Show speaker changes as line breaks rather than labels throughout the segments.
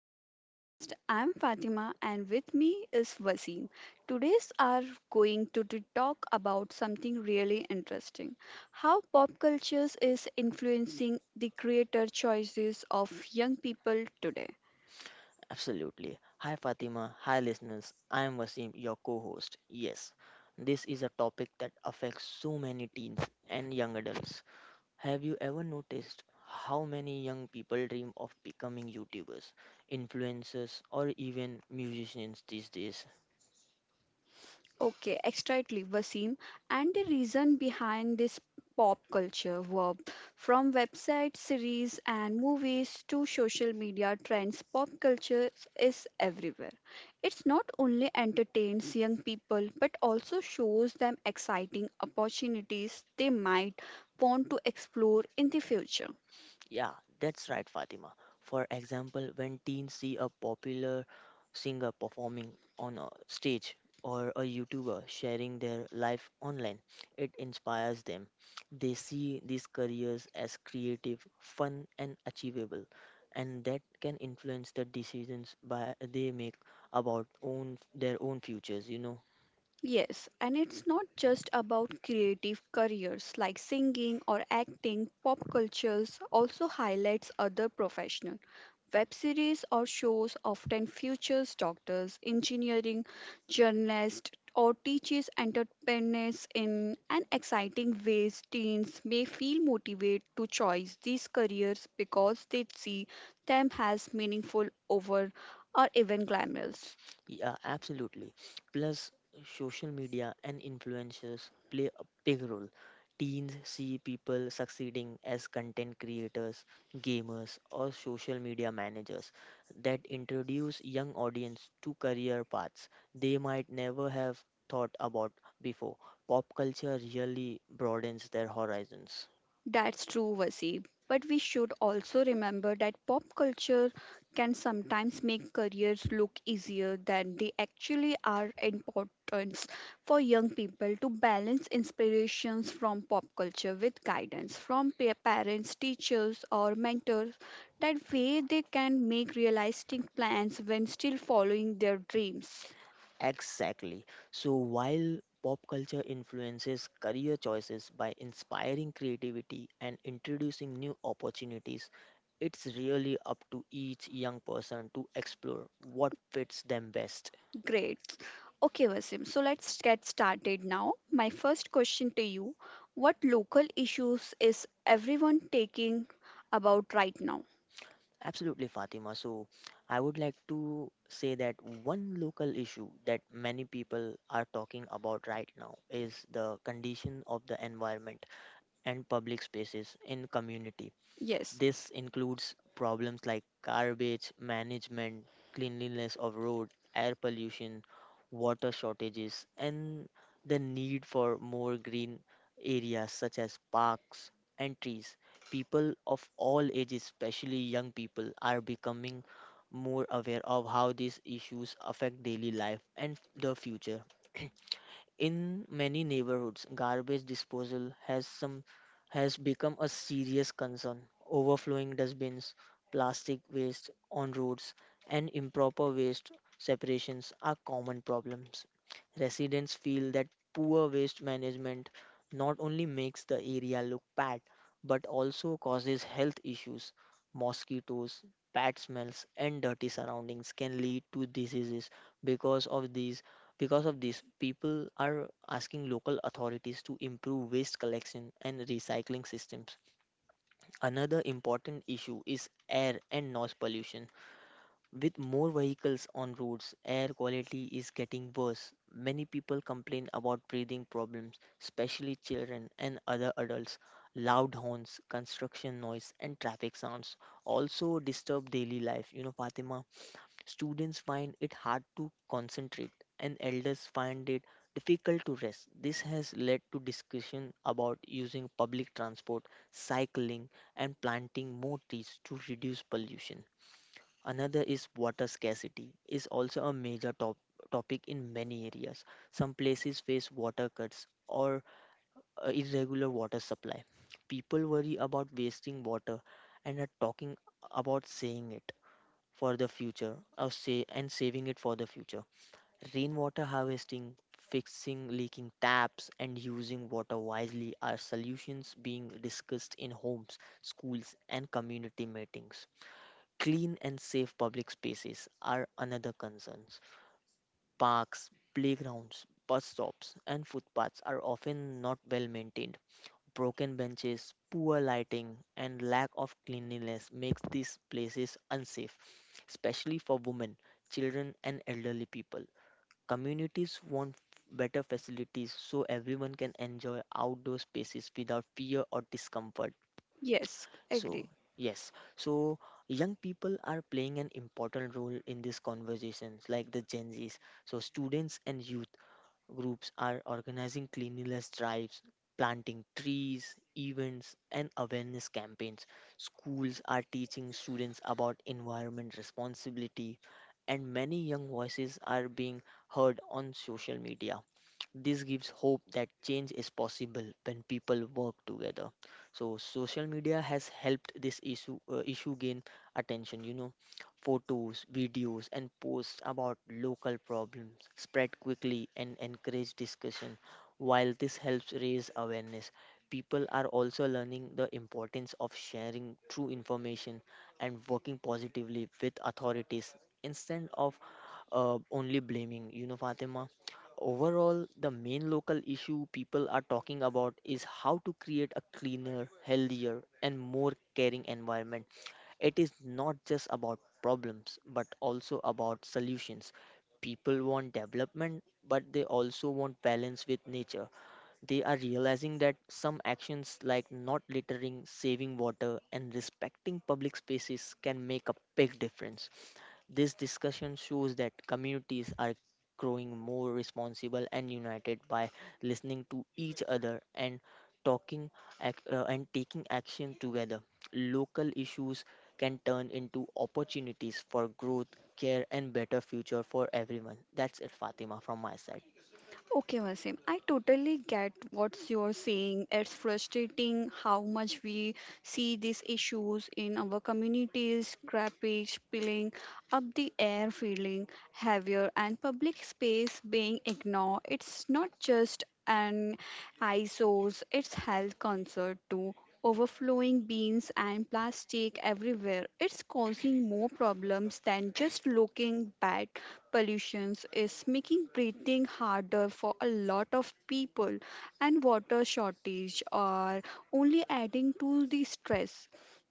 our podcast. I'm Fatima, and with me is Wasim. Today's are going to talk about something really interesting: how pop cultures is influencing the creator choices of young people today.
Absolutely. Hi Fatima, hi listeners. I am Wasim, your co-host. Yes, this is a topic that affects so many teens and young adults. Have you ever noticed how many young people dream of becoming YouTubers, influencers, or even musicians these days?
Okay, exactly, Vaseem. And the reason behind this pop culture verb from website series and movies to social media trends, pop culture is everywhere. It's not only entertains young people but also shows them exciting opportunities they might want to explore in the future.
Yeah, that's right, Fatima. For example, when teens see a popular singer performing on a stage or a YouTuber sharing their life online, it inspires them. They see these careers as creative, fun, and achievable, and that can influence the decisions by they make about own their own futures.
Yes, and it's not just about creative careers like singing or acting. Pop cultures also highlights other professionals. Web series or shows often features doctors, engineering, journalists, or teaches entrepreneurs in an exciting ways. Teens may feel motivated to choose these careers because they see them as meaningful over or even glamorous.
Yeah, absolutely. Plus, social media and influencers play a big role. Teens see people succeeding as content creators, gamers, or social media managers that introduce young audience to career paths they might never have thought about before. Pop culture really broadens their horizons.
That's true, Vasib. But we should also remember that pop culture can sometimes make careers look easier than they actually are importance for young people to balance inspirations from pop culture with guidance from parents, teachers or mentors. That way they can make realistic plans when still following their dreams.
Exactly. So while pop culture influences career choices by inspiring creativity and introducing new opportunities, it's really up to each young person to explore what fits them best.
Great. Okay, Vasim, so let's get started now. My first question to you: what local issues is everyone taking about right now?
Absolutely, Fatima. So I would like to say that one local issue that many people are talking about right now is the condition of the environment and public spaces in community.
Yes,
This includes problems like garbage management, cleanliness of road, air pollution, water shortages, and the need for more green areas such as parks and trees. People of all ages, especially young people, are becoming more aware of how these issues affect daily life and the future. In many neighborhoods, garbage disposal has become a serious concern. Overflowing dustbins, plastic waste on roads, and improper waste separations are common problems. Residents feel that poor waste management not only makes the area look bad but also causes health issues. Mosquitoes, bad smells, and dirty surroundings can lead to diseases because of these because of this, people are asking local authorities to improve waste collection and recycling systems. Another important issue is air and noise pollution. With more vehicles on roads, air quality is getting worse. Many people complain about breathing problems, especially children and other adults. Loud horns, construction noise, and traffic sounds also disturb daily life. You know, Fatima, students find it hard to concentrate, and elders find it difficult to rest. This has led to discussion about using public transport, cycling, and planting more trees to reduce pollution. Another is water scarcity is also a topic in many areas. Some places face water cuts or irregular water supply. People worry about wasting water and are talking about saying it for the future or say and saving it for the future, rainwater harvesting, fixing leaking taps, and using water wisely are solutions being discussed in homes, schools, and community meetings. Clean and safe public spaces are another concerns. Parks, playgrounds, bus stops, and footpaths are often not well maintained. Broken benches, poor lighting, and lack of cleanliness makes these places unsafe, especially for women, children, and elderly people. Communities want better facilities so everyone can enjoy outdoor spaces without fear or discomfort.
yes, agree.
So, yes, so young people are playing an important role in these conversations, like the Gen Zs. So, students and youth groups are organizing cleanliness drives, planting trees, events, and awareness campaigns. Schools are teaching students about environment responsibility, and many young voices are being heard on social media. This gives hope that change is possible when people work together. So social media has helped this issue gain attention. You know, photos, videos, and posts about local problems spread quickly and encourage discussion. While this helps raise awareness, people are also learning the importance of sharing true information and working positively with authorities instead of only blaming. You know, Fatima, overall, the main local issue people are talking about is how to create a cleaner, healthier, and more caring environment. It is not just about problems, but also about solutions. People want development, but they also want balance with nature. They are realizing that some actions like not littering, saving water, and respecting public spaces can make a big difference. This discussion shows that communities are growing more responsible and united by listening to each other and talking and taking action together. Local issues can turn into opportunities for growth, care, and better future for everyone. That's it, Fatima, from my side.
Okay, Wasim, I totally get what you're saying. It's frustrating how much we see these issues in our communities, scrappage, spilling up the air, feeling heavier, and public space being ignored. It's not just an eyesore, it's health concern too. Overflowing bins and plastic everywhere. It's causing more problems than just looking bad. Pollutions is making breathing harder for a lot of people, and water shortage are only adding to the stress.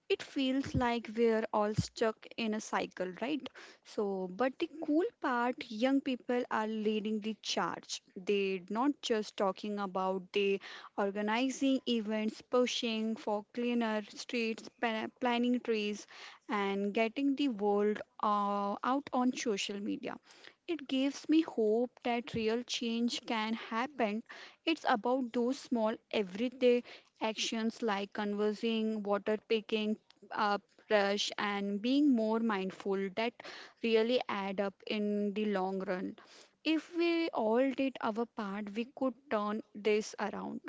It feels like we're all stuck in a cycle, right? So, but the cool part, young people are leading the charge. They're not just talking about, they organizing events, pushing for cleaner streets, planning trees, and getting the world out on social media. It gives me hope that real change can happen. It's about those small everyday actions like conversing, water, picking up brush, and being more mindful that really add up in the long run. If we all did our part, we could turn this around.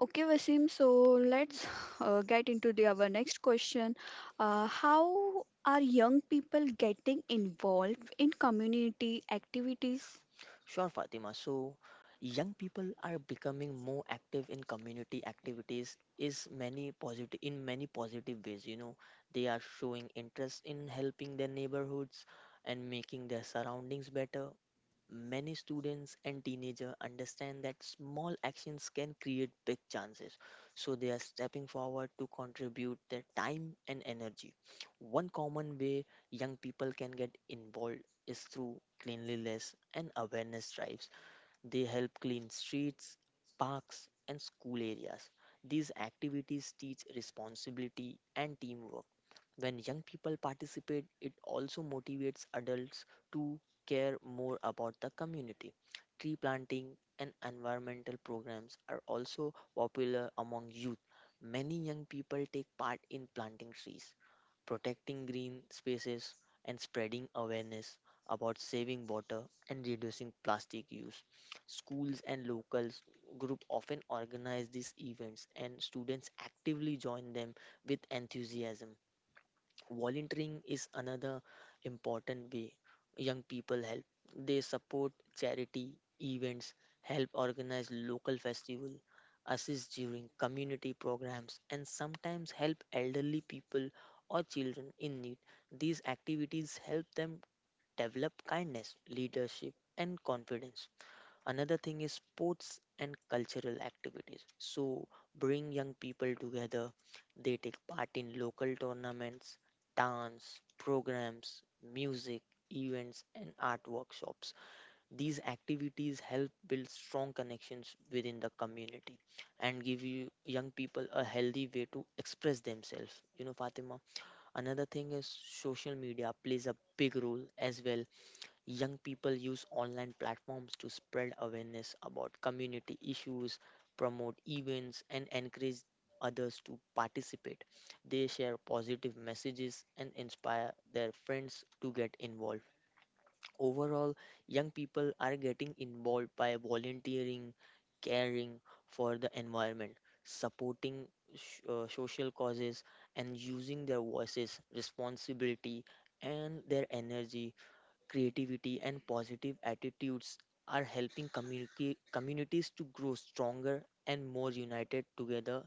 Okay, Vasim. So let's get into our next question. How are young people getting involved in community activities?
Sure, Fatima. So, young people are becoming more active in community activities is many positive in many positive ways. You know, they are showing interest in helping their neighborhoods and making their surroundings better. Many students and teenagers understand that small actions can create big chances, so they are stepping forward to contribute their time and energy. One common way young people can get involved is through cleanliness and awareness drives. They help clean streets, parks, and school areas. These activities teach responsibility and teamwork. When young people participate, it also motivates adults to care more about the community. Tree planting and environmental programs are also popular among youth. Many young people take part in planting trees, protecting green spaces, and spreading awareness about saving water and reducing plastic use. Schools and local groups often organize these events and students actively join them with enthusiasm. Volunteering is another important way young people help. They support charity events, help organize local festival, assist during community programs and sometimes help elderly people or children in need. These activities help them develop kindness, leadership and confidence. Another thing is sports and cultural activities. So bring young people together. They take part in local tournaments, dance programs, music events and art workshops. These activities help build strong connections within the community and give you young people a healthy way to express themselves. You know, Fatima. Another thing is social media plays a big role as well. Young people use online platforms to spread awareness about community issues, promote events, and encourage others to participate. They share positive messages and inspire their friends to get involved. Overall, young people are getting involved by volunteering, caring for the environment, supporting social causes, and using their voices, responsibility, and their energy, creativity, and positive attitudes are helping communities to grow stronger and more united together.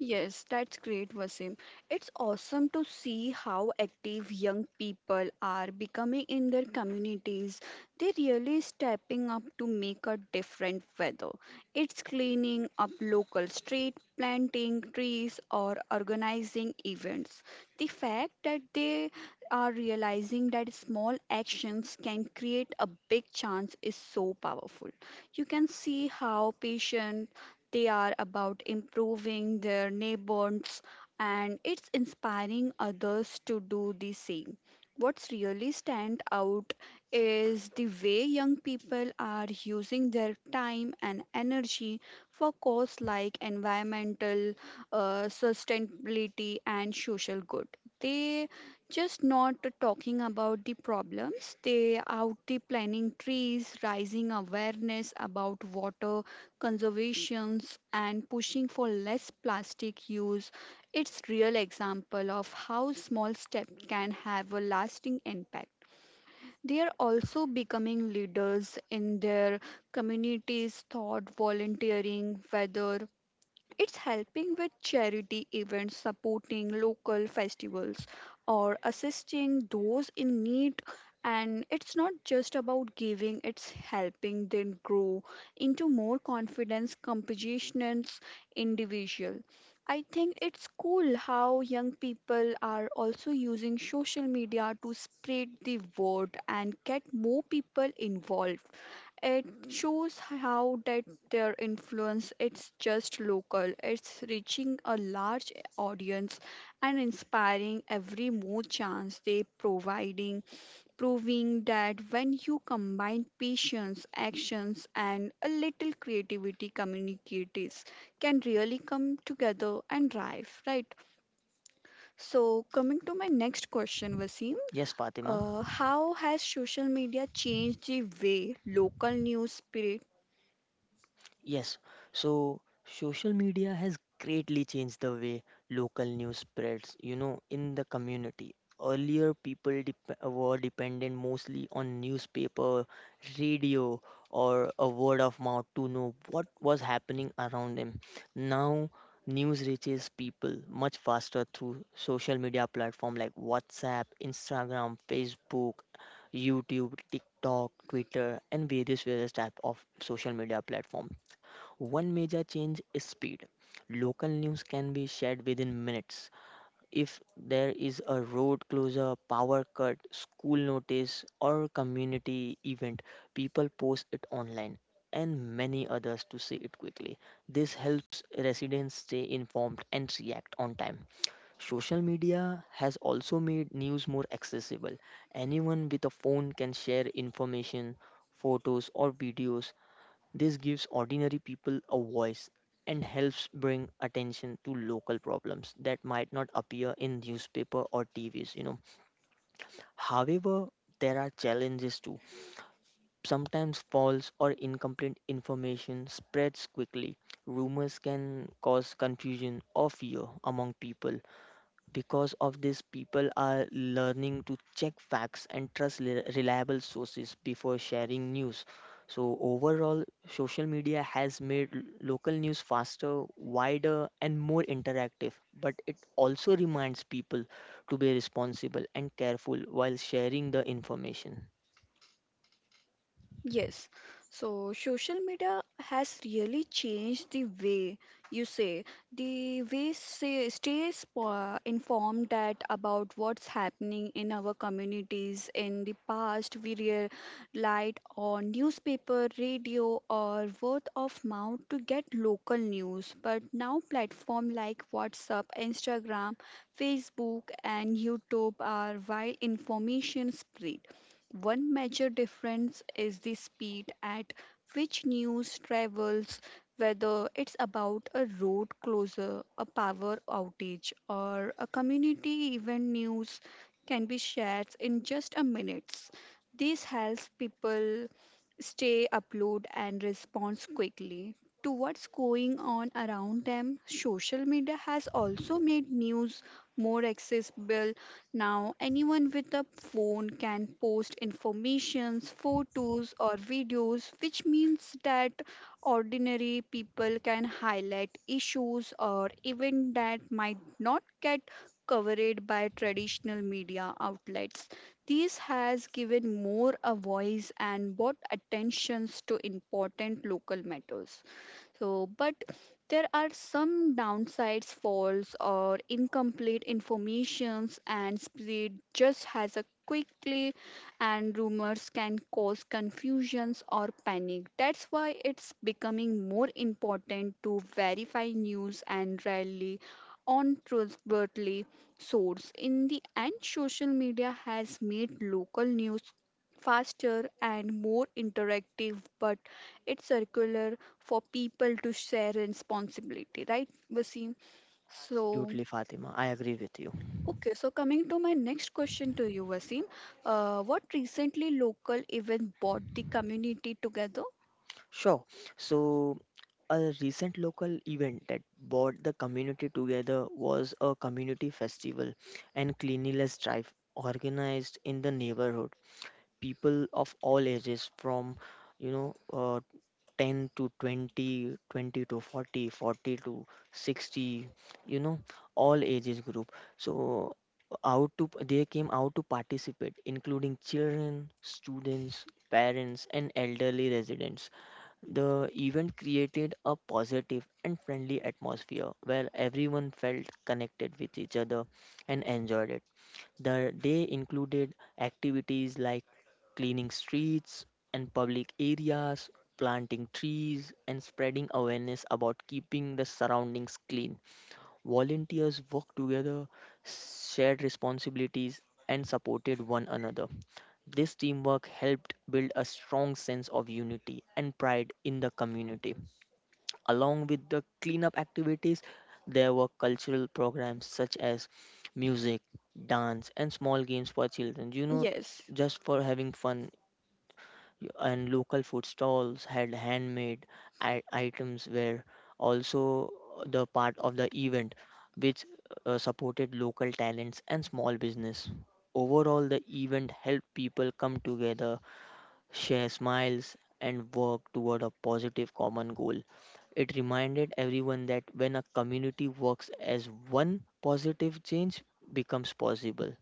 Yes, that's great, Wasim. It's awesome to see how active young people are becoming in their communities. They're really stepping up to make a different weather. It's cleaning up local street, planting trees, or organizing events. The fact that they are realizing that small actions can create a big chance is so powerful. You can see how patient they are about improving their neighbors, and it's inspiring others to do the same. What's really stand out is the way young people are using their time and energy for cause like environmental sustainability and social good. They just not talking about the problems, they out the planting trees, raising awareness about water conservations, and pushing for less plastic use. It's real example of how small steps can have a lasting impact. They are also becoming leaders in their communities thought volunteering, whether it's helping with charity events, supporting local festivals, or assisting those in need. And it's not just about giving, it's helping them grow into more confidence, compassionate individual. I think it's cool how young people are also using social media to spread the word and get more people involved. It shows how that their influence it's just local, it's reaching a large audience and inspiring every more chance they providing, proving that when you combine patience, actions and a little creativity, communicators can really come together and drive, right? So coming to my next question, Vaseem,
Yes, Fatima.
how has social media changed the way local news spread?
Yes, so social media has greatly changed the way local news spreads, you know, in the community. Earlier, people were dependent mostly on newspaper, radio, or a word of mouth to know what was happening around them. Now, news reaches people much faster through social media platform like WhatsApp, Instagram, Facebook, YouTube, TikTok, Twitter, and various type of social media platforms. One major change is speed. Local news can be shared within minutes. If there is a road closure, power cut, school notice, or community event, people post it online and many others to see it quickly. This helps residents stay informed and react on time. Social media has also made news more accessible. Anyone with a phone can share information, photos, or videos. This gives ordinary people a voice and helps bring attention to local problems that might not appear in newspaper or TVs, you know. However, there are challenges too. Sometimes false or incomplete information spreads quickly. Rumors can cause confusion or fear among people, because of this, people are learning to check facts and trust reliable sources before sharing news. So, overall, social media has made local news faster, wider, and more interactive. But it also reminds people to be responsible and careful while sharing the information.
Yes, so social media has really changed the way you say, the way say stay informed that about what's happening in our communities. In the past, we relied on newspaper, radio, or word of mouth to get local news. But now, platform like WhatsApp, Instagram, Facebook, and YouTube are wide information spread. One major difference is the speed at which news travels, whether it's about a road closure, a power outage, or a community event, news can be shared in just a minutes. This helps people stay, upload, and respond quickly to what's going on around them. Social media has also made news more accessible. Now, anyone with a phone can post informations, photos, or videos, which means that ordinary people can highlight issues or even that might not get covered by traditional media outlets. This has given more a voice and brought attentions to important local matters. So, but there are some downsides, false or incomplete informations and spread just has a quickly, and rumors can cause confusions or panic. That's why it's becoming more important to verify news and rely on trustworthy source. In the end, social media has made local news faster and more interactive, but its circular for people to share responsibility, right, Vaseem? So,
Absolutely, Fatima. I agree with you.
okay, so coming to my next question to you, Vaseem, what recently local event brought the community together?
Sure. So, a recent local event that brought the community together was a community festival and cleanliness drive organized in the neighborhood. People of all ages, from you know uh, 10 to 20, 20 to 40, 40 to 60, you know, all ages group. So out to they came out to participate, including children, students, parents, and elderly residents. The event created a positive and friendly atmosphere where everyone felt connected with each other and enjoyed it. The day included activities like cleaning streets and public areas, planting trees, and spreading awareness about keeping the surroundings clean. Volunteers worked together, shared responsibilities, and supported one another. This teamwork helped build a strong sense of unity and pride in the community. Along with the cleanup activities, there were cultural programs such as music, dance, and small games for children, you know,
Yes.
just for having fun. And local food stalls had handmade items, were also the part of the event, which supported local talents and small business. Overall, the event helped people come together, share smiles, and work toward a positive common goal. It reminded everyone that when a community works as one, positive change becomes possible.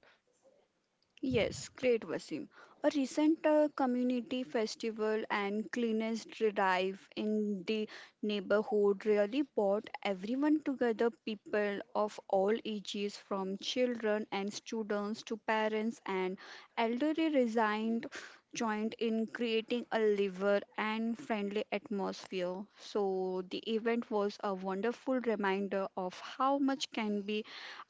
Yes, great, Wasim. A recent community festival and cleanest drive in the neighborhood really brought everyone together, people of all ages, from children and students to parents and elderly resigned, joined in creating a liver and friendly atmosphere. So the event was a wonderful reminder of how much can be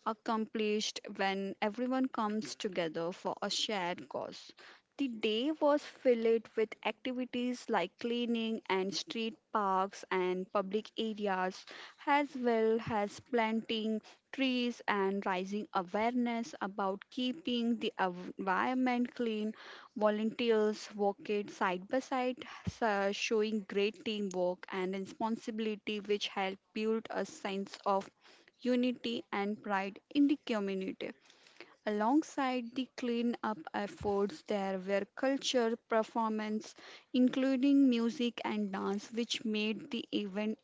accomplished when everyone comes together for a shared cause. The day was filled with activities like cleaning and street parks and public areas, as well as planting trees and raising awareness about keeping the environment clean. Volunteers worked side by side, so showing great teamwork and responsibility, which helped build a sense of unity and pride in the community. Alongside the clean-up efforts, there were culture performances, including music and dance, which made the event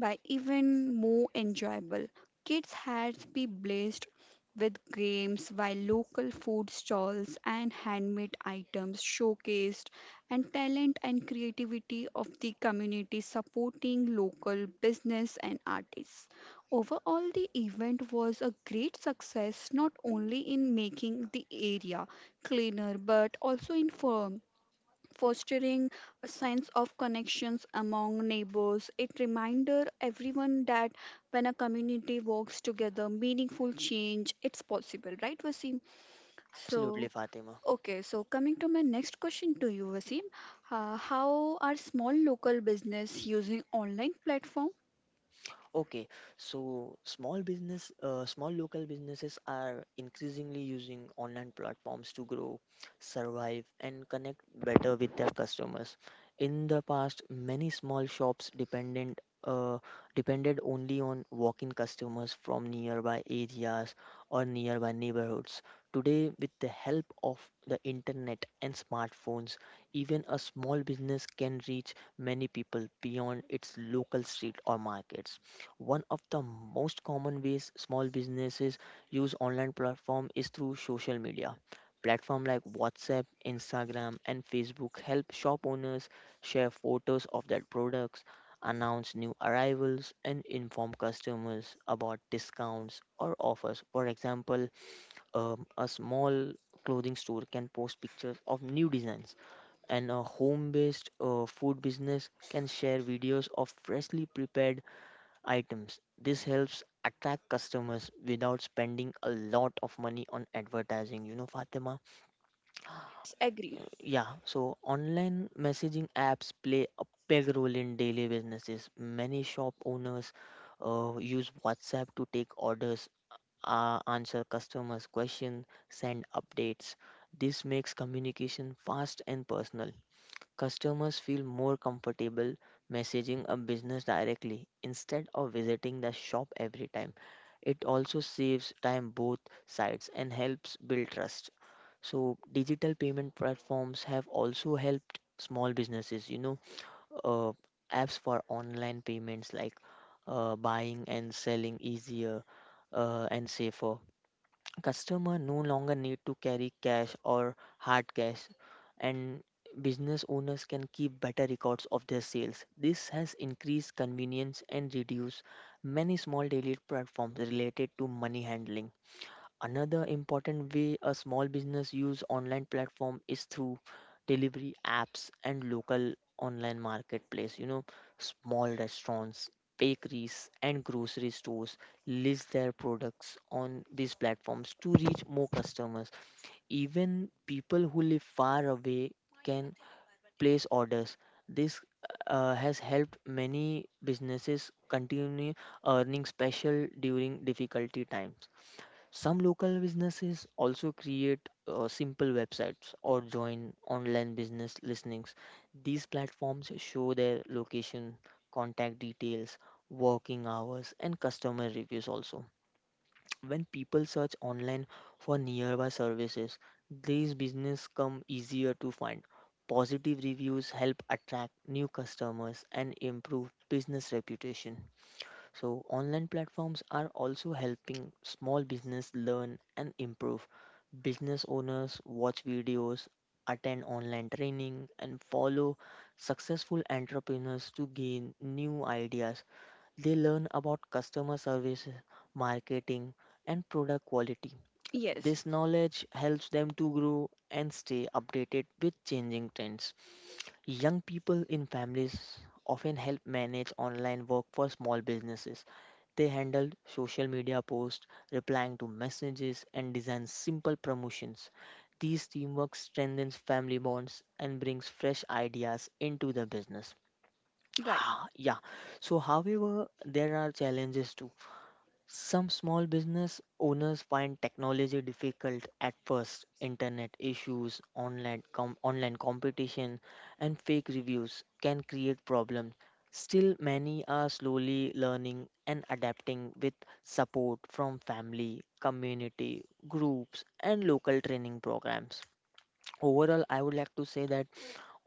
but even more enjoyable. Kids had to be blessed with games while local food stalls and handmade items showcased and talent and creativity of the community, supporting local business and artists. Overall, the event was a great success, not only in making the area cleaner but also in firm fostering a sense of connections among neighbors. It reminder everyone that when a community works together, meaningful change it's possible, right, Vaseem?
Absolutely,
So
Fatima.
okay, so coming to my next question to you, Vaseem, how are small local business using online platforms?
Okay, so small local businesses are increasingly using online platforms to grow, survive, and connect better with their customers. In the past, many small shops dependent depended only on walk-in customers from nearby areas or nearby neighborhoods. Today, with the help of the internet and smartphones, even a small business can reach many people beyond its local street or markets. One of the most common ways small businesses use online platform is through social media. Platform like WhatsApp, Instagram, and Facebook help shop owners share photos of their products, announce new arrivals, and inform customers about discounts or offers. For example, a small clothing store can post pictures of new designs, and a home-based food business can share videos of freshly prepared items. This helps attract customers without spending a lot of money on advertising, you know, Fatima.
Agree.
Yeah, so online messaging apps play a big role in daily businesses. Many shop owners use WhatsApp to take orders, answer customers' questions, send updates. This makes communication fast and personal. Customers feel more comfortable messaging a business directly instead of visiting the shop every time. It also saves time both sides and helps build trust. So, digital payment platforms have also helped small businesses, you know, uh, apps for online payments like buying and selling easier and safer. Customer no longer need to carry cash or hard cash, and business owners can keep better records of their sales. This has increased convenience and reduced many small daily platforms related to money handling. Another important way a small business use online platform is through delivery apps and local online marketplace. You know, small restaurants, bakeries and grocery stores list their products on these platforms to reach more customers. Even people who live far away can place orders. This has helped many businesses continue earning special during difficulty times. Some local businesses also create simple websites or join online business listings. These platforms show their location, contact details, working hours, and customer reviews also. When people search online for nearby services, these businesses come easier to find. Positive reviews help attract new customers and improve business reputation. So, online platforms are also helping small business learn and improve. Business owners watch videos, attend online training, and follow successful entrepreneurs to gain new ideas. They learn about customer service, marketing, and product quality. This
Yes.
knowledge helps them to grow and stay updated with changing trends. Young people in families often help manage online work for small businesses they handle social media posts, replying to messages, and design simple promotions. These teamwork strengthens family bonds and brings fresh ideas into the business.
Right.
Ah, yeah. So, however, there are challenges too. Some small business owners find technology difficult at first. Internet issues, online competition, and fake reviews can create problems. Still, many are slowly learning and adapting with support from family, community, groups, and local training programs. Overall, I would like to say that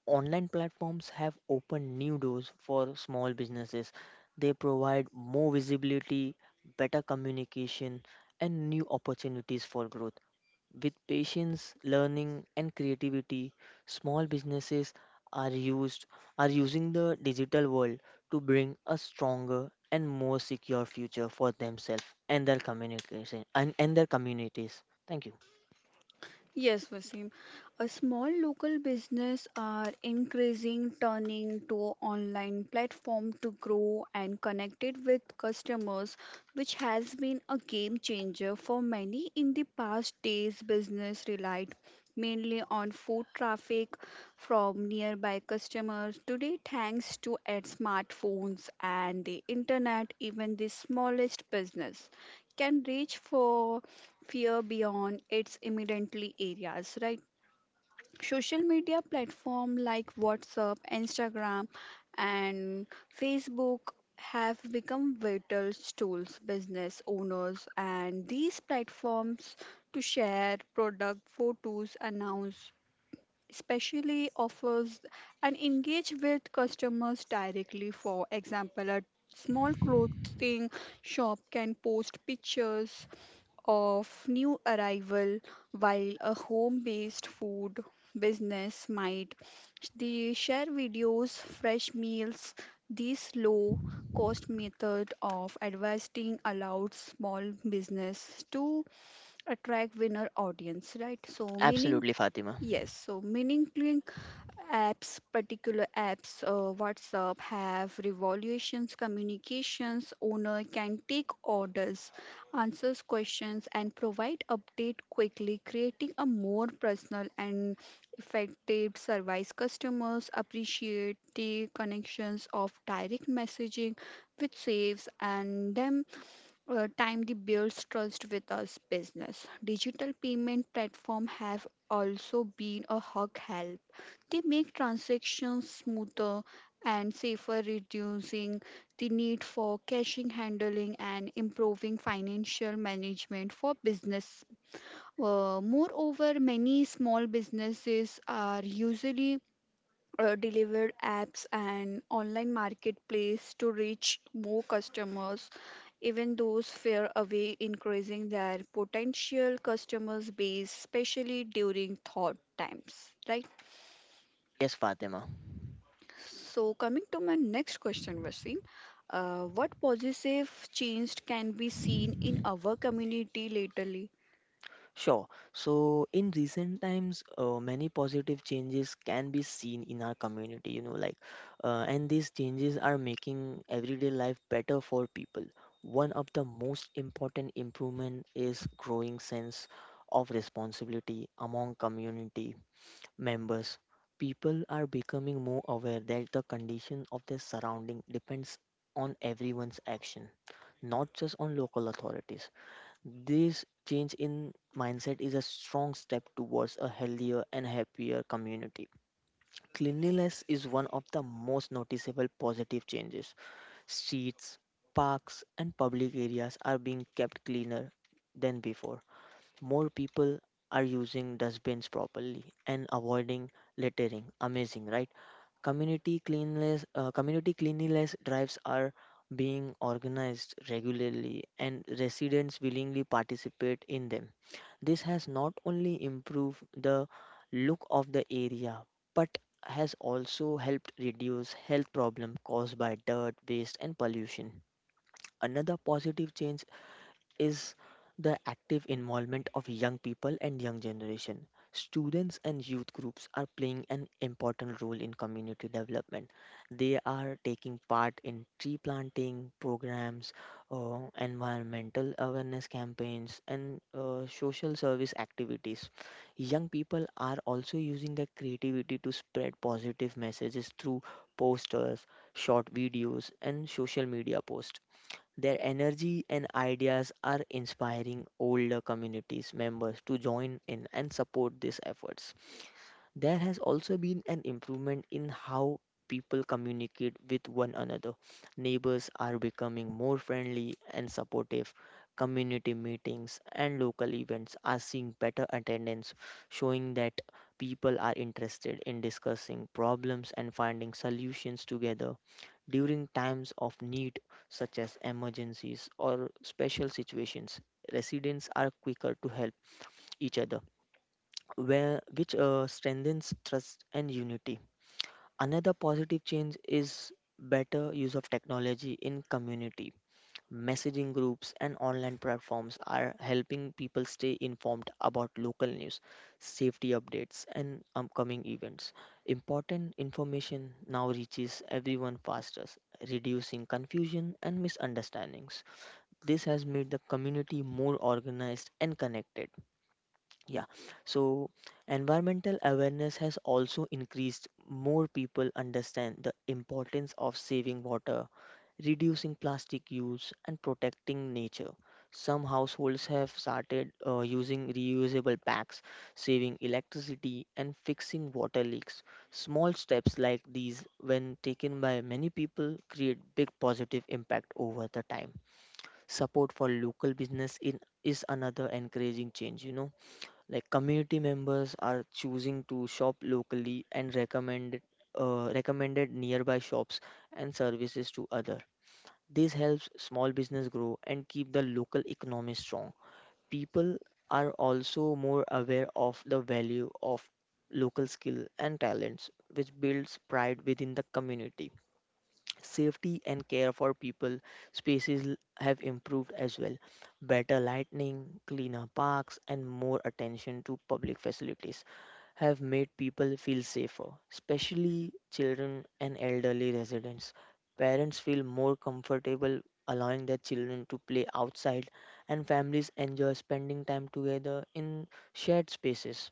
online platforms have opened new doors for small businesses. They provide more visibility, better communication, and new opportunities for growth. With patience, learning, and creativity, small businesses are used are using the digital world to bring a stronger and more secure future for themselves and their communication and their communities. Thank you.
Yes, Vaseem. A small local business are increasing turning to online platform to grow and connected with customers, which has been a game changer for many. In the past days, business relied mainly on foot traffic from nearby customers. Today, thanks to ad smartphones and the internet, even the smallest business can reach for fear beyond its immediately areas, right? Social media platform like WhatsApp, Instagram, and Facebook have become vital tools. Business owners and these platforms to share product photos, announce especially offers, and engage with customers directly. For example, a small clothing shop can post pictures of new arrival, while a home-based food business might they share videos fresh meals. This low cost method of advertising allowed small business to attract winner audience, right? So meaning,
Absolutely, Fatima.
yes, so meaningfully apps, particular apps, WhatsApp have revolutions, communications, owner can take orders, answers questions and provide update quickly, creating a more personal and effective service. Customers appreciate the connections of direct messaging, which saves and them time the builds trust with us business. Digital payment platform have also been a hug help. They make transactions smoother and safer, reducing the need for caching handling and improving financial management for business. Moreover, many small businesses are usually delivered apps and online marketplace to reach more customers, even those far away, increasing their potential customers base, especially during thought times, right?
Yes, Fatima.
So, coming to my next question, Vaseem, what positive change can be seen in our community lately?
Sure. So in recent times, many positive changes can be seen in our community, you know, like, and these changes are making everyday life better for people. One of the most important improvement is growing sense of responsibility among community members. People are becoming more aware that the condition of their surrounding depends on everyone's action, not just on local authorities. This change in mindset is a strong step towards a healthier and happier community. Cleanliness is one of the most noticeable positive changes. Streets, parks, and public areas are being kept cleaner than before. More people are using dustbins properly and avoiding littering. Amazing, right? Community cleanliness drives are being organized regularly and residents willingly participate in them. This has not only improved the look of the area but has also helped reduce health problems caused by dirt, waste and pollution. Another positive change is the active involvement of young people and young generation. Students and youth groups are playing an important role in community development. They are taking part in tree planting programs, environmental awareness campaigns, and social service activities. Young people are also using their creativity to spread positive messages through posters, short videos, and social media posts. Their energy and ideas are inspiring older communities members to join in and support these efforts. There has also been an improvement in how people communicate with one another. Neighbors are becoming more friendly and supportive. Community meetings and local events are seeing better attendance, showing that people are interested in discussing problems and finding solutions together. During times of need, such as emergencies or special situations, residents are quicker to help each other where which strengthens trust and unity. Another positive change is better use of technology in community. Messaging groups and online platforms are helping people stay informed about local news, safety updates, and upcoming events. Important information now reaches everyone faster, reducing confusion and misunderstandings. This has made the community more organized and connected, yeah, so environmental awareness has also increased. More people understand the importance of saving water, reducing plastic use, and protecting nature. Some households have started using reusable packs, saving electricity, and fixing water leaks. Small steps like these, when taken by many people, create big positive impact over the time. Support for local business in is another encouraging change, you know. Like community members are choosing to shop locally and recommended nearby shops and services to other. This helps small business grow and keep the local economy strong. People are also more aware of the value of local skill and talents, which builds pride within the community. Safety and care for people have improved as well. Better lighting, cleaner parks, and more attention to public facilities have made people feel safer, especially children and elderly residents. Parents feel more comfortable allowing their children to play outside, and families enjoy spending time together in shared spaces.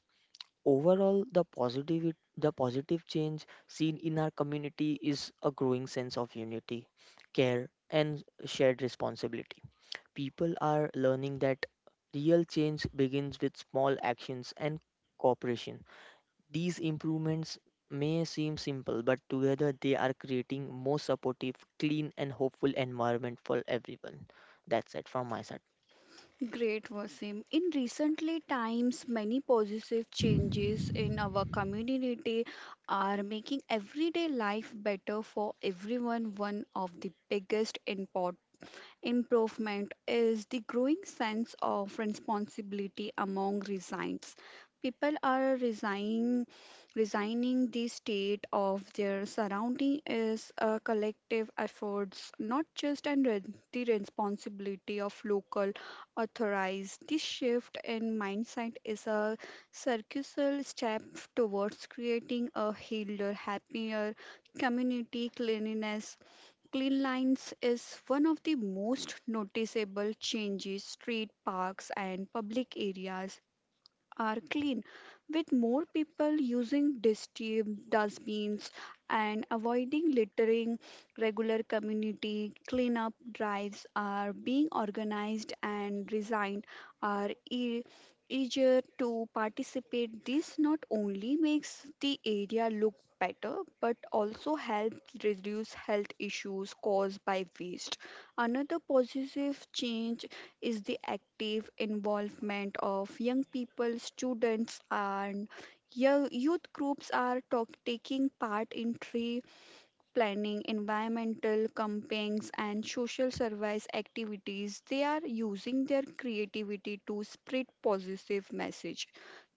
Overall, the positive change seen in our community is a growing sense of unity, care, and shared responsibility. People are learning that real change begins with small actions and cooperation. These improvements may seem simple, but together they are creating more supportive, clean, and hopeful environment for everyone. That's it from my side.
Great, Vaseem. In recently times, many positive changes in our community are making everyday life better for everyone. One of the biggest important improvement is the growing sense of responsibility among resigns. People are resigning the state of their surrounding is a collective efforts, not just and the responsibility of local authorities. This shift in mindset is a circular step towards creating a healthier, happier community cleanliness. Clean lines is one of the most noticeable changes. Street parks and public areas are clean, with more people using dustbins and avoiding littering. Regular community cleanup drives are being organized and resigned are eager to participate. This not only makes the area look better but also helps reduce health issues caused by waste. Another positive change is the active involvement of young people, students, and young youth groups are taking part in tree planning, environmental campaigns, and social service activities. They are using their creativity to spread positive message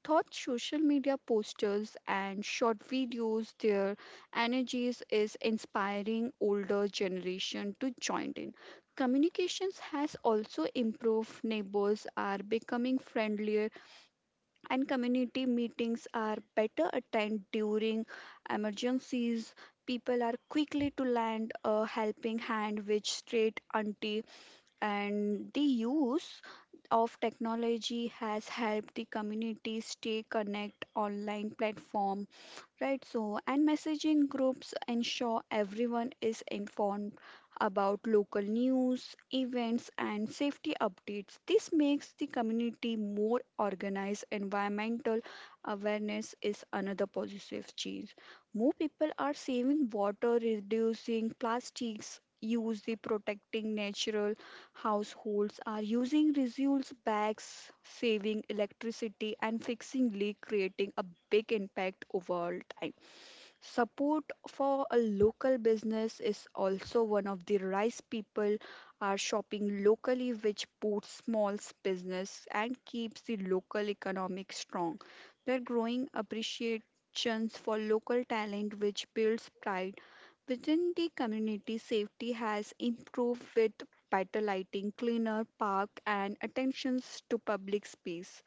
thought social media posters and short videos their energies is inspiring older generation to join in communications has also improved. Neighbors are becoming friendlier and community meetings are better attended during emergencies. People are quickly to lend a helping hand which straight auntie and the use of technology has helped the community stay connect online platform, right, so and messaging groups ensure everyone is informed about local news events and safety updates. This makes the community more organized. Environmental awareness is another positive change. More people are saving water reducing plastics use the protecting natural. Households are using reusable bags, saving electricity, and fixing leaks, creating a big impact over time. Support for a local business is also one of the rice people are shopping locally, which boosts small business and keeps the local economic strong. They're growing appreciations for local talent, which builds pride within the community. Safety has improved with better lighting, cleaner park, and attentions to public space.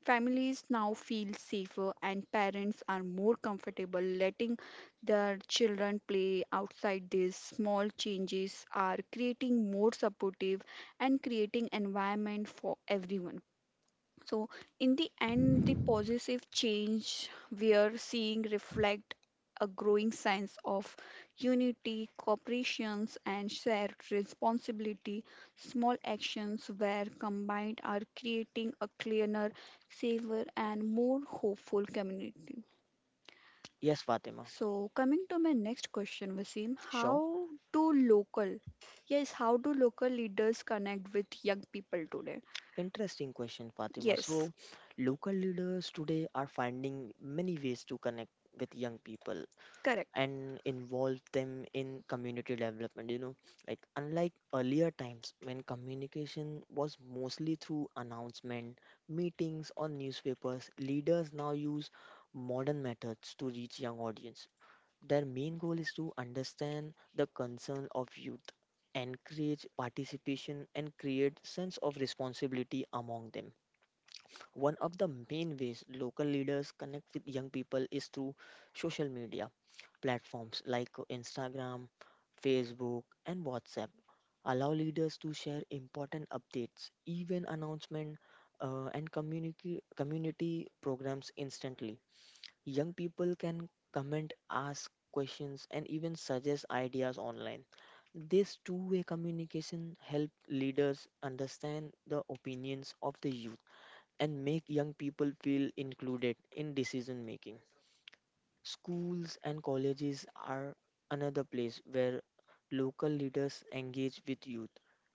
Families now feel safer, and parents are more comfortable letting their children play outside. These small changes are creating more supportive and creating environment for everyone. So, in the end, the positive change we are seeing reflect a growing sense of unity, cooperations, and shared responsibility. Small actions, where combined, are creating a cleaner, safer, and more hopeful community.
Yes, Fatima.
So, coming to my next question, Wasim,
Sure.
how do yes, how do local leaders connect with young people today?
Interesting question, Fatima. So,
Yes,
local leaders today are finding many ways to connect with young people
correct.
and involve them in community development. You know, like unlike earlier times when communication was mostly through announcement, meetings, or newspapers, leaders now use modern methods to reach young audience. Their main goal is to understand the concern of youth, encourage participation, and create sense of responsibility among them. One of the main ways local leaders connect with young people is through social media platforms like Instagram, Facebook, and WhatsApp. Allow leaders to share important updates, even announcement, and community programs instantly. Young people can comment, ask questions, and even suggest ideas online. This two-way communication help leaders understand the opinions of the youth and make young people feel included in decision making. Schools and colleges are another place where local leaders engage with youth.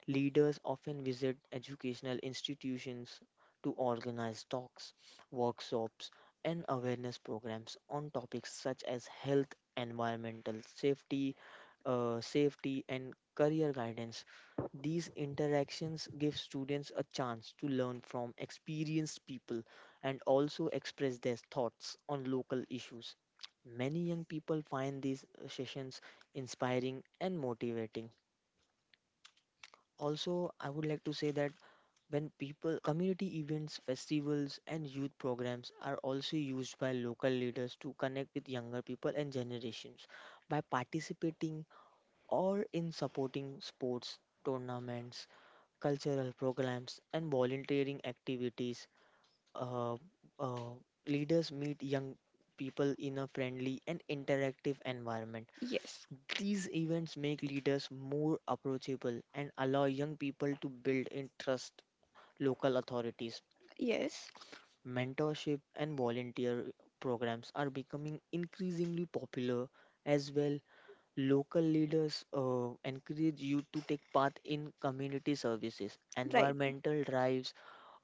Leaders often visit educational institutions to organize talks, workshops, and awareness programs on topics such as health, environmental safety and career guidance. These interactions give students a chance to learn from experienced people and also express their thoughts on local issues. Many young people find these sessions inspiring and motivating. Also, I would like to say that when people, community events, festivals, and youth programs are also used by local leaders to connect with younger people and generations. By participating or in supporting sports, tournaments, cultural programs, and volunteering activities, uh, uh, leaders meet young people in a friendly and interactive environment.
Yes,
These events make leaders more approachable and allow young people to build and trust local authorities.
yes.
Mentorship and volunteer programs are becoming increasingly popular as well. Local leaders encourage youth to take part in community services,
Right.
environmental drives,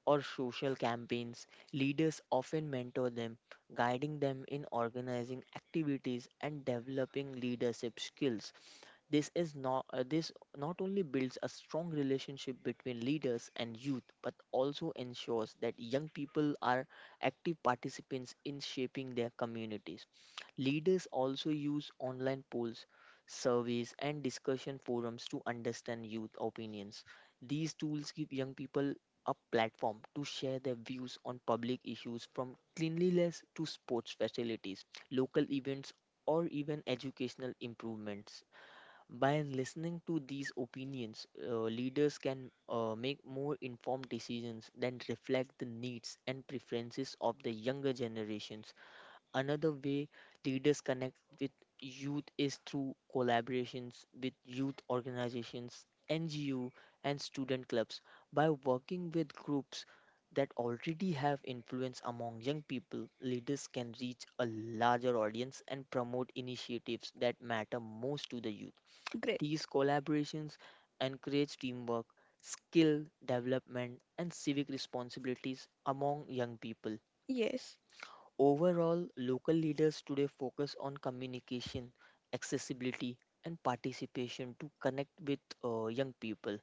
or social campaigns. Leaders often mentor them, guiding them in organizing activities and developing leadership skills. This not only builds a strong relationship between leaders and youth, but also ensures that young people are active participants in shaping their communities. Leaders also use online polls, surveys, and discussion forums to understand youth opinions. These tools give young people a platform to share their views on public issues from cleanliness to sports facilities, local events, or even educational improvements. By listening to these opinions, leaders can make more informed decisions that reflect the needs and preferences of the younger generations. Another way leaders connect with youth is through collaborations with youth organizations, NGO, and student clubs. By working with groups that already have influence among young people, leaders can reach a larger audience and promote initiatives that matter most to the youth.
Great.
These collaborations encourage teamwork, skill development, and civic responsibilities among young people.
Yes.
Overall, local leaders today focus on communication, accessibility, and participation to connect with young people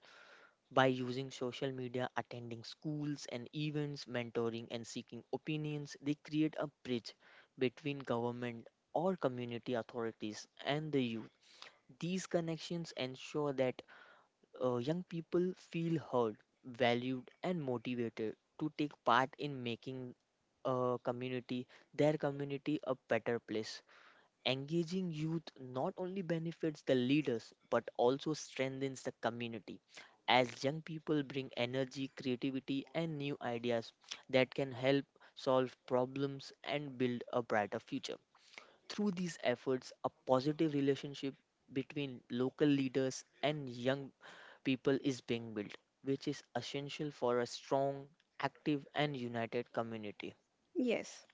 by using social media, attending schools and events, mentoring, and seeking opinions. They create a bridge between government or community authorities and the youth. These connections ensure that young people feel heard, valued, and motivated to take part in making a community, their community, a better place. Engaging youth not only benefits the leaders but also strengthens the community, as young people bring energy, creativity, and new ideas that can help solve problems and build a brighter future. Through these efforts, a positive relationship between local leaders and young people is being built, which is essential for a strong, active, and united community.
Yes.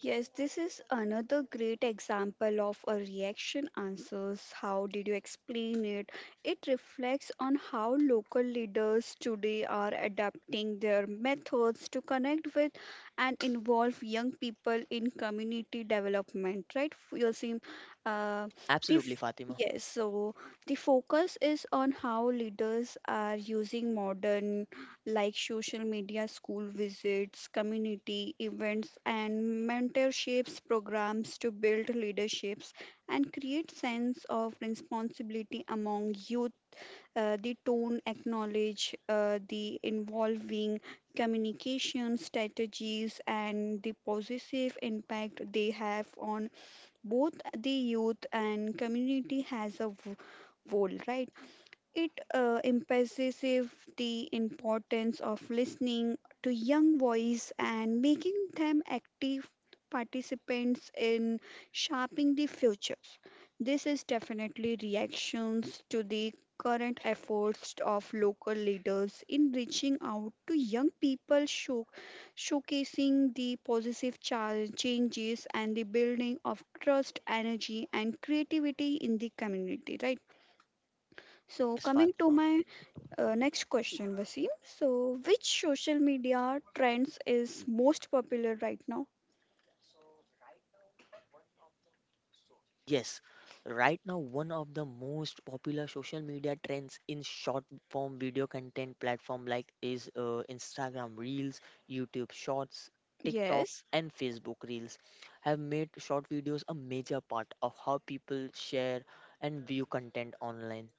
Yes, this is another great example of a reaction answers. How did you explain it? It reflects on how local leaders today are adapting their methods to connect with and involve young people in community development, right, Yosim? uh,
Absolutely, Fatima.
Yes, so the focus is on how leaders are using modern like social media, school visits, community events, and mentorships programs to build leaderships and create sense of responsibility among youth. The tone acknowledge the involving communication strategies and the positive impact they have on both the youth and community as a whole, right? It emphasizes the importance of listening to young voice and making them active participants in shaping the futures. This is definitely reactions to the current efforts of local leaders in reaching out to young people showcasing the positive changes and the building of trust energy and creativity in the community, right? So
Yes,
coming to
Fatima.
my next question, Vaseem. So, which social media trends is most popular right now?
Yes, right now, one of the most popular social media trends in short form video content platform like is Instagram Reels, YouTube Shorts, TikTok,
Yes,
and Facebook Reels have made short videos a major part of how people share and view content online.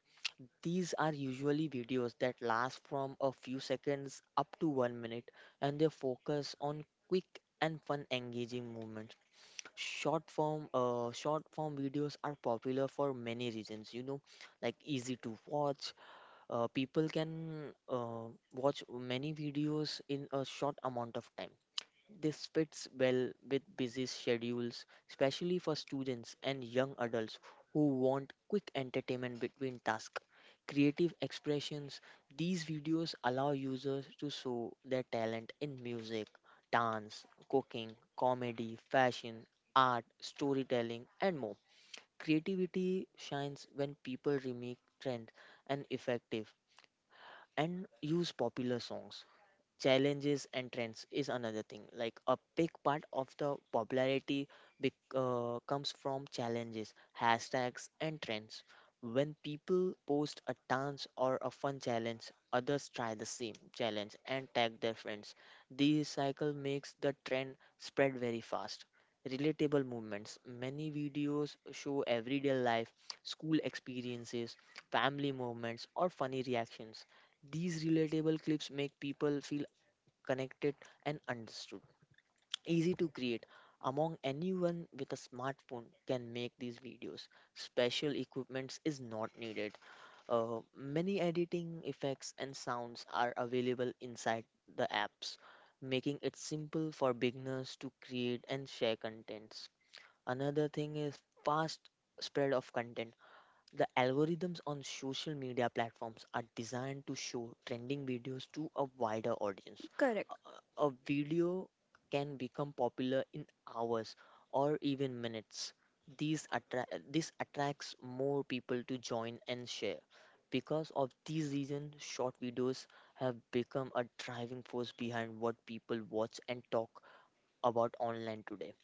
These are usually videos that last from a few seconds up to 1 minute, and they focus on quick and fun engaging movements. Short form videos are popular for many reasons, you know, like easy to watch. People can watch many videos in a short amount of time. This fits well with busy schedules, especially for students and young adults who want quick entertainment between tasks. Creative expressions. These videos allow users to show their talent in music, dance, cooking, comedy, fashion, art, storytelling, and more. Creativity shines when people remake trends and effective and use popular songs. Challenges and trends is another thing, like a big part of the popularity comes from challenges, hashtags, and trends. When people post a dance or a fun challenge, others try the same challenge and tag their friends. This cycle makes the trend spread very fast. Relatable movements: many videos show everyday life, school experiences, family moments, or funny reactions. These relatable clips make people feel connected and understood. Easy to create. Among anyone with a smartphone can make these videos. Special equipments is not needed. Many editing effects and sounds are available inside the apps, making it simple for beginners to create and share contents. Another thing is fast spread of content. The algorithms on social media platforms are designed to show trending videos to a wider audience.
correct.
A video can become popular in hours or even minutes. These attract This attracts more people to join and share. Because of these reasons, short videos have become a driving force behind what people watch and talk about online today.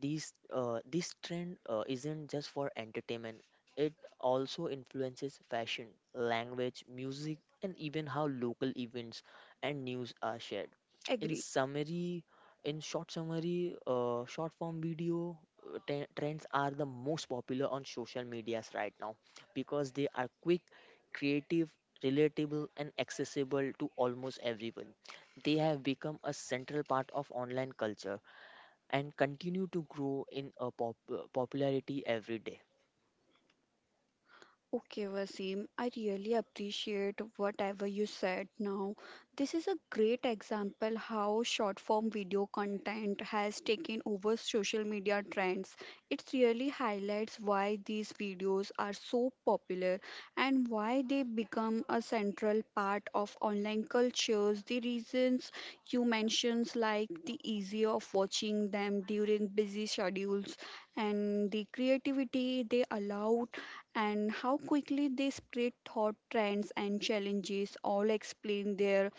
These this trend isn't just for entertainment. It also influences fashion, language, music, and even how local events and news are shared. In
Agree.
summary, in short summary, short form video trends are the most popular on social medias right now because they are quick, creative, relatable, and accessible to almost everyone. They have become a central part of online culture and continue to grow in popularity every day.
Okay, Wasim, I really appreciate whatever you said now. This is a great example how short form video content has taken over social media trends. It really highlights why these videos are so popular and why they become a central part of online cultures. The reasons you mentioned like the ease of watching them during busy schedules and the creativity they allow and how quickly they spread thought trends and challenges all explain their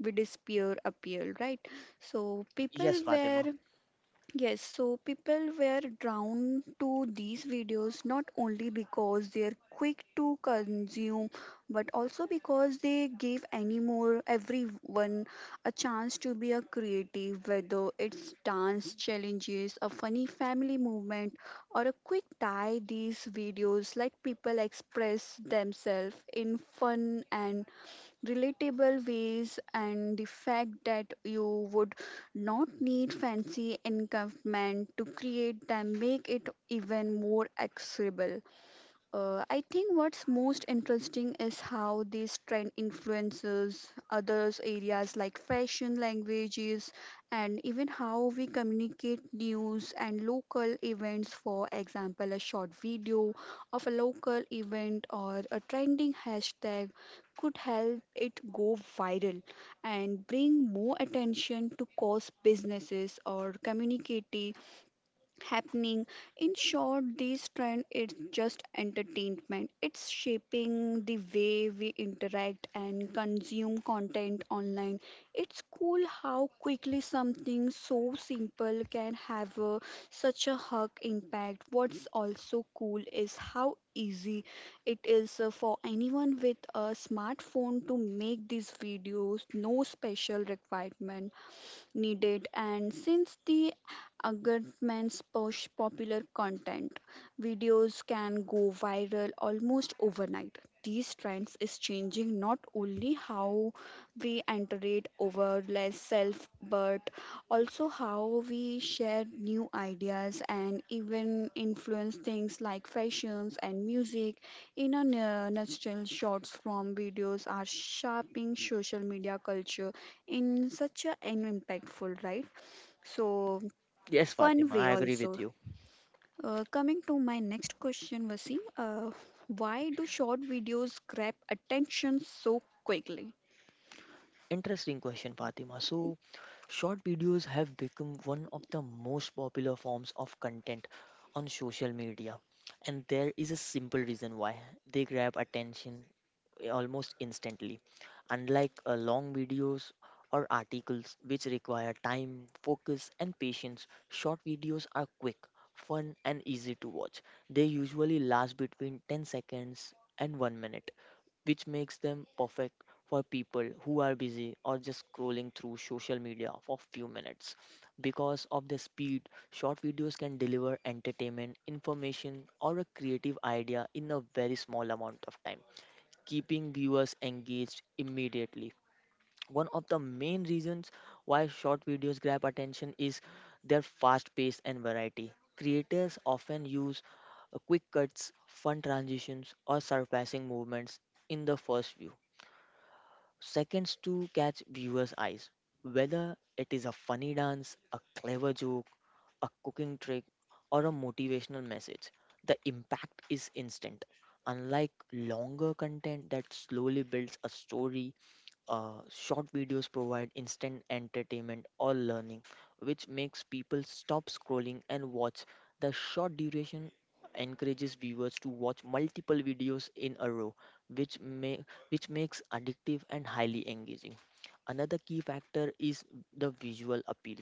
with despair appeal, right? So
Yes,
people were
Fatima.
yes, so people were drawn to these videos not only because they're quick to consume, but also because they give anymore everyone a chance to be a creative, whether it's dance challenges, a funny family movement, or a quick tie. These videos let people express themselves in fun and relatable ways and the fact that you would not need fancy encampment to create them make it even more accessible. I think what's most interesting is how this trend influences others areas like fashion, languages, and even how we communicate news and local events. For example, a short video of a local event or a trending hashtag could help it go viral and bring more attention to cause businesses or community happening. In short, this trend is just entertainment. It's shaping the way we interact and consume content online. It's cool how quickly something so simple can have such a hug impact. What's also cool is how easy it is for anyone with a smartphone to make these videos no special requirement needed and since the algorithms push popular content videos can go viral almost overnight. These trends is changing not only how we iterate over less self but also how we share new ideas and even influence things like fashions and music. In a nutshell shorts from videos are shaping social media culture in such an impactful, right? So
Yes,
fun
Fatima,
way
I agree
also
with you.
coming to my next question Vaseem, why do short videos grab attention so quickly?
Interesting question, Fatima. So, short videos have become one of the most popular forms of content on social media, and there is a simple reason why they grab attention almost instantly, unlike long videos or articles which require time, focus, and patience. Short videos are quick, fun, and easy to watch. They usually last between 10 seconds and 1 minute, which makes them perfect for people who are busy or just scrolling through social media for few minutes. Because of the speed, short videos can deliver entertainment, information, or a creative idea in a very small amount of time, keeping viewers engaged immediately. One of the main reasons why short videos grab attention is their fast pace and variety. Creators often use quick cuts, fun transitions, or surpassing movements in the first few seconds to catch viewers' eyes. Whether it is a funny dance, a clever joke, a cooking trick, or a motivational message, the impact is instant. Unlike longer content that slowly builds a story, short videos provide instant entertainment or learning, which makes people stop scrolling and watch. The short duration encourages viewers to watch multiple videos in a row, which may which makes addictive and highly engaging. Another key factor is the visual appeal.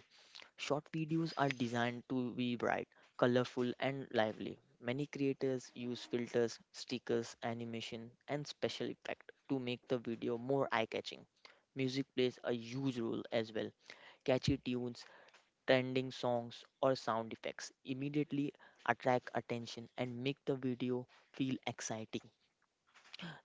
Short videos are designed to be bright, colorful, and lively. Many creators use filters, stickers, animation, and special effect to make the video more eye-catching. Music plays a huge role as well. Catchy tunes, trending songs, or sound effects immediately attract attention and make the video feel exciting.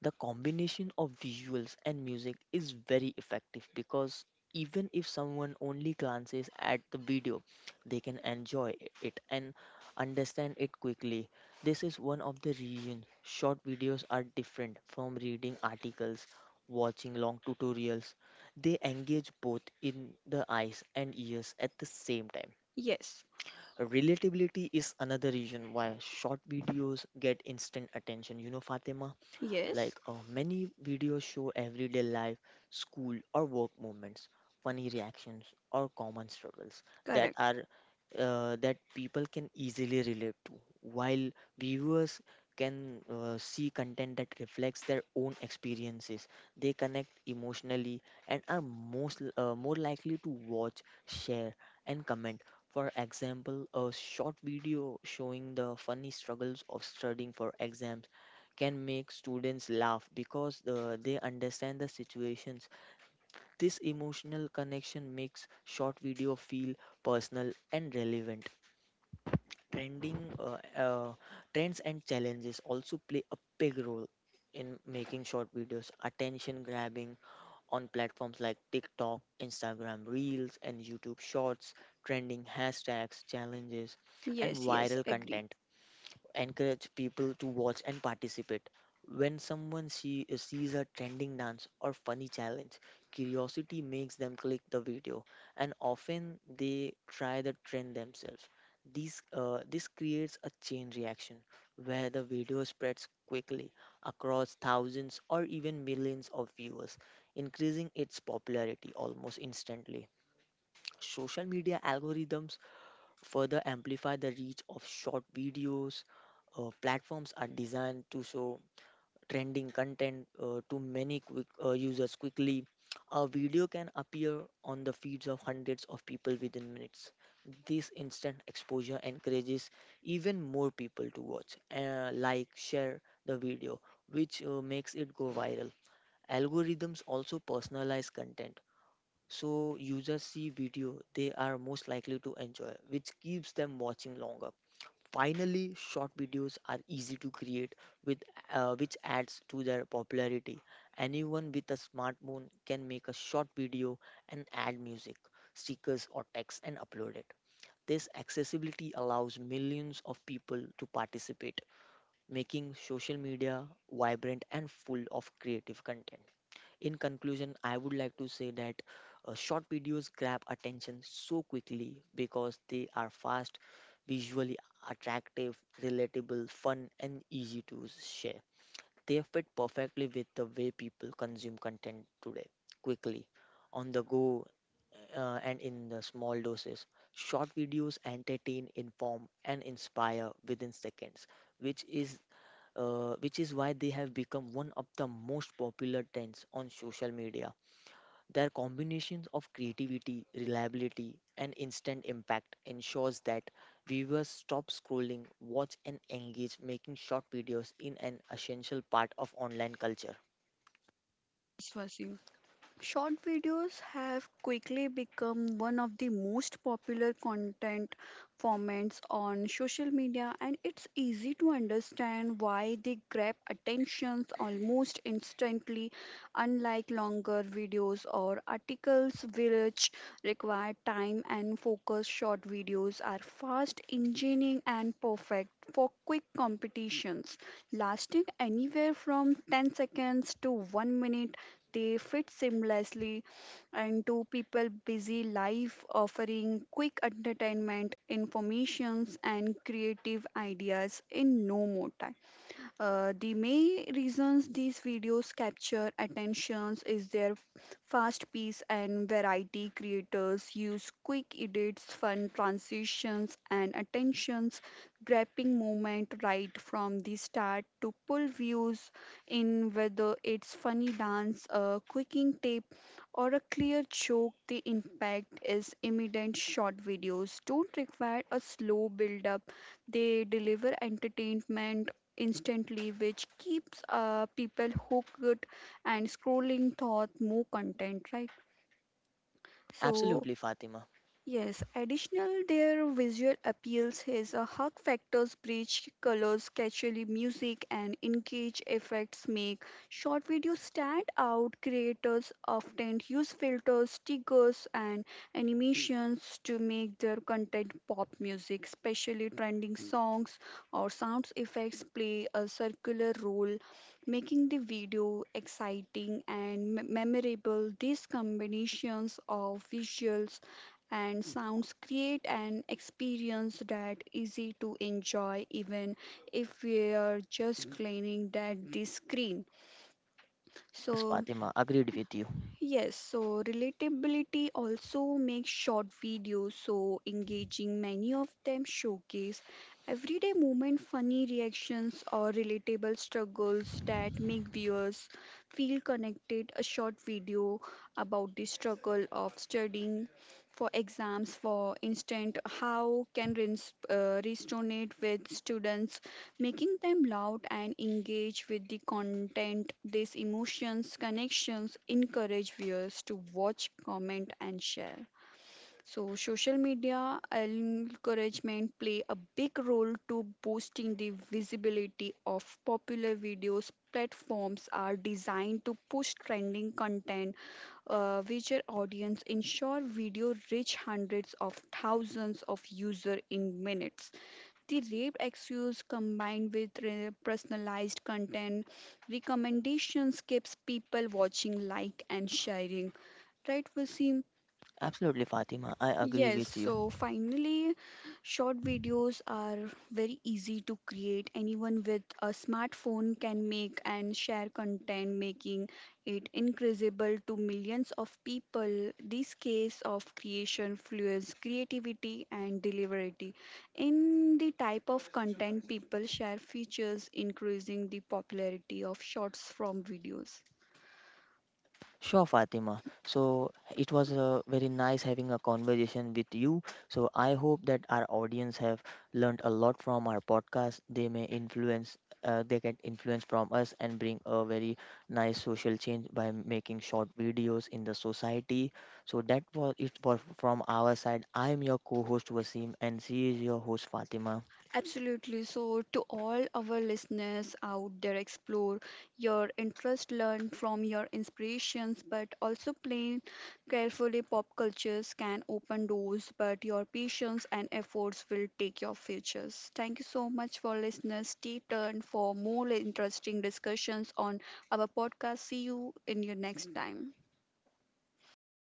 The combination of visuals and music is very effective, because even if someone only glances at the video, they can enjoy it and understand it quickly. This is one of the reasons short videos are different from reading articles, watching long tutorials. They engage both in the eyes and ears at the same time.
Yes,
Relatability is another reason why short videos get instant attention, you know, Fatima, like
yes,
many videos show everyday life, school or work moments, funny reactions, or common struggles that
correct.
are that people can easily relate to, while viewers can see content that reflects their own experiences. They connect emotionally and are most more likely to watch, share, and comment. For example, a short video showing the funny struggles of studying for exams can make students laugh, because they understand the situations. This emotional connection makes short video feel personal and relevant. Trending Trends and challenges also play a big role in making short videos attention grabbing. On platforms like TikTok, Instagram Reels, and YouTube Shorts, trending hashtags, challenges, and
Yes, yes,
viral
agree.
content encourage people to watch and participate. When sees a trending dance or funny challenge, curiosity makes them click the video, and often they try the trend themselves. This creates a chain reaction where the video spreads quickly across thousands or even millions of viewers, increasing its popularity almost instantly. Social media algorithms further amplify the reach of short videos. Platforms are designed to show trending content to many users quickly. A video can appear on the feeds of hundreds of people within minutes. This instant exposure encourages even more people to watch, like, share the video, which makes it go viral. Algorithms also personalize content, so users see video they are most likely to enjoy, which keeps them watching longer. Finally, short videos are easy to create, with which adds to their popularity. Anyone with a smartphone can make a short video and add music, stickers, or text and upload it. This accessibility allows millions of people to participate, making social media vibrant and full of creative content. In conclusion, I would like to say that short videos grab attention so quickly because they are fast, visually attractive, relatable, fun, and easy to share. They fit perfectly with the way people consume content today, quickly, on the go, and in the small doses. Short videos entertain, inform, and inspire within seconds, which is which is why they have become one of the most popular trends on social media. Their combinations of creativity, reliability, and instant impact ensures that viewers stop scrolling, watch, and engage, making short videos in an essential part of online culture.
Yes, Vaseem. Short videos have quickly become one of the most popular content formats on social media, and it's easy to understand why they grab attentions almost instantly, unlike longer videos or articles, which require time and focus. Short videos are fast, engaging, and perfect for quick competitions, lasting anywhere from 10 seconds to 1 minute. They fit seamlessly into people busy life, offering quick entertainment, informations, and creative ideas in no more time. The main reasons these videos capture attentions is their fast pace and variety. Creators use quick edits, fun transitions, and attentions grabbing moment right from the start to pull views in whether it's funny dance, a quicking tip, or a clear joke. The impact is immediate. Short videos don't require a slow build up. They deliver entertainment instantly, which keeps people hooked and scrolling thought more content, right? So,
Absolutely, Fatima.
yes, additional their visual appeals is a hug factors bridge colors catchily music and engage effects make short videos stand out. Creators often use filters stickers and animations to make their content pop music especially trending songs or sounds effects play a circular role making the video exciting and memorable. These combinations of visuals and sounds create an experience that easy to enjoy even if we are just cleaning that the screen
Yes,
so
Fatima, agreed with you.
yes, so relatability also makes short videos so engaging. Many of them showcase everyday moment, funny reactions, or relatable struggles that make viewers feel connected. A short video about the struggle of studying for exams, for instance, how can resonate with students making them loud and engage with the content. These emotions, connections encourage viewers to watch, comment, and share. So, social media encouragement play a big role to boosting the visibility of popular videos. Platforms are designed to push trending content, which their audience ensure video reach hundreds of thousands of users in minutes. The rape excuse combined with personalized content recommendations keeps people watching, like and sharing. Right, Vaseem?
Absolutely, Fatima, I agree
Yes,
with you.
so finally, short videos are very easy to create. Anyone with a smartphone can make and share content, making it incredible to millions of people. This case of creation fuels creativity and deliverability. In the type of content people share features, increasing the popularity of shorts from videos.
Sure, Fatima. So it was very nice having a conversation with you. So I hope that our audience have learned a lot from our podcast. They may influence, they get influence from us and bring a very nice social change by making short videos in the society. So that was it for from our side. I am your co-host Wasim, and she is your host Fatima.
Absolutely. So, to all our listeners out there, explore your interest, learn from your inspirations, but also plan carefully. Pop cultures can open doors, but your patience and efforts will take your futures. Thank you so much for listeners. Stay tuned for more interesting discussions on our podcast. See you in your next time.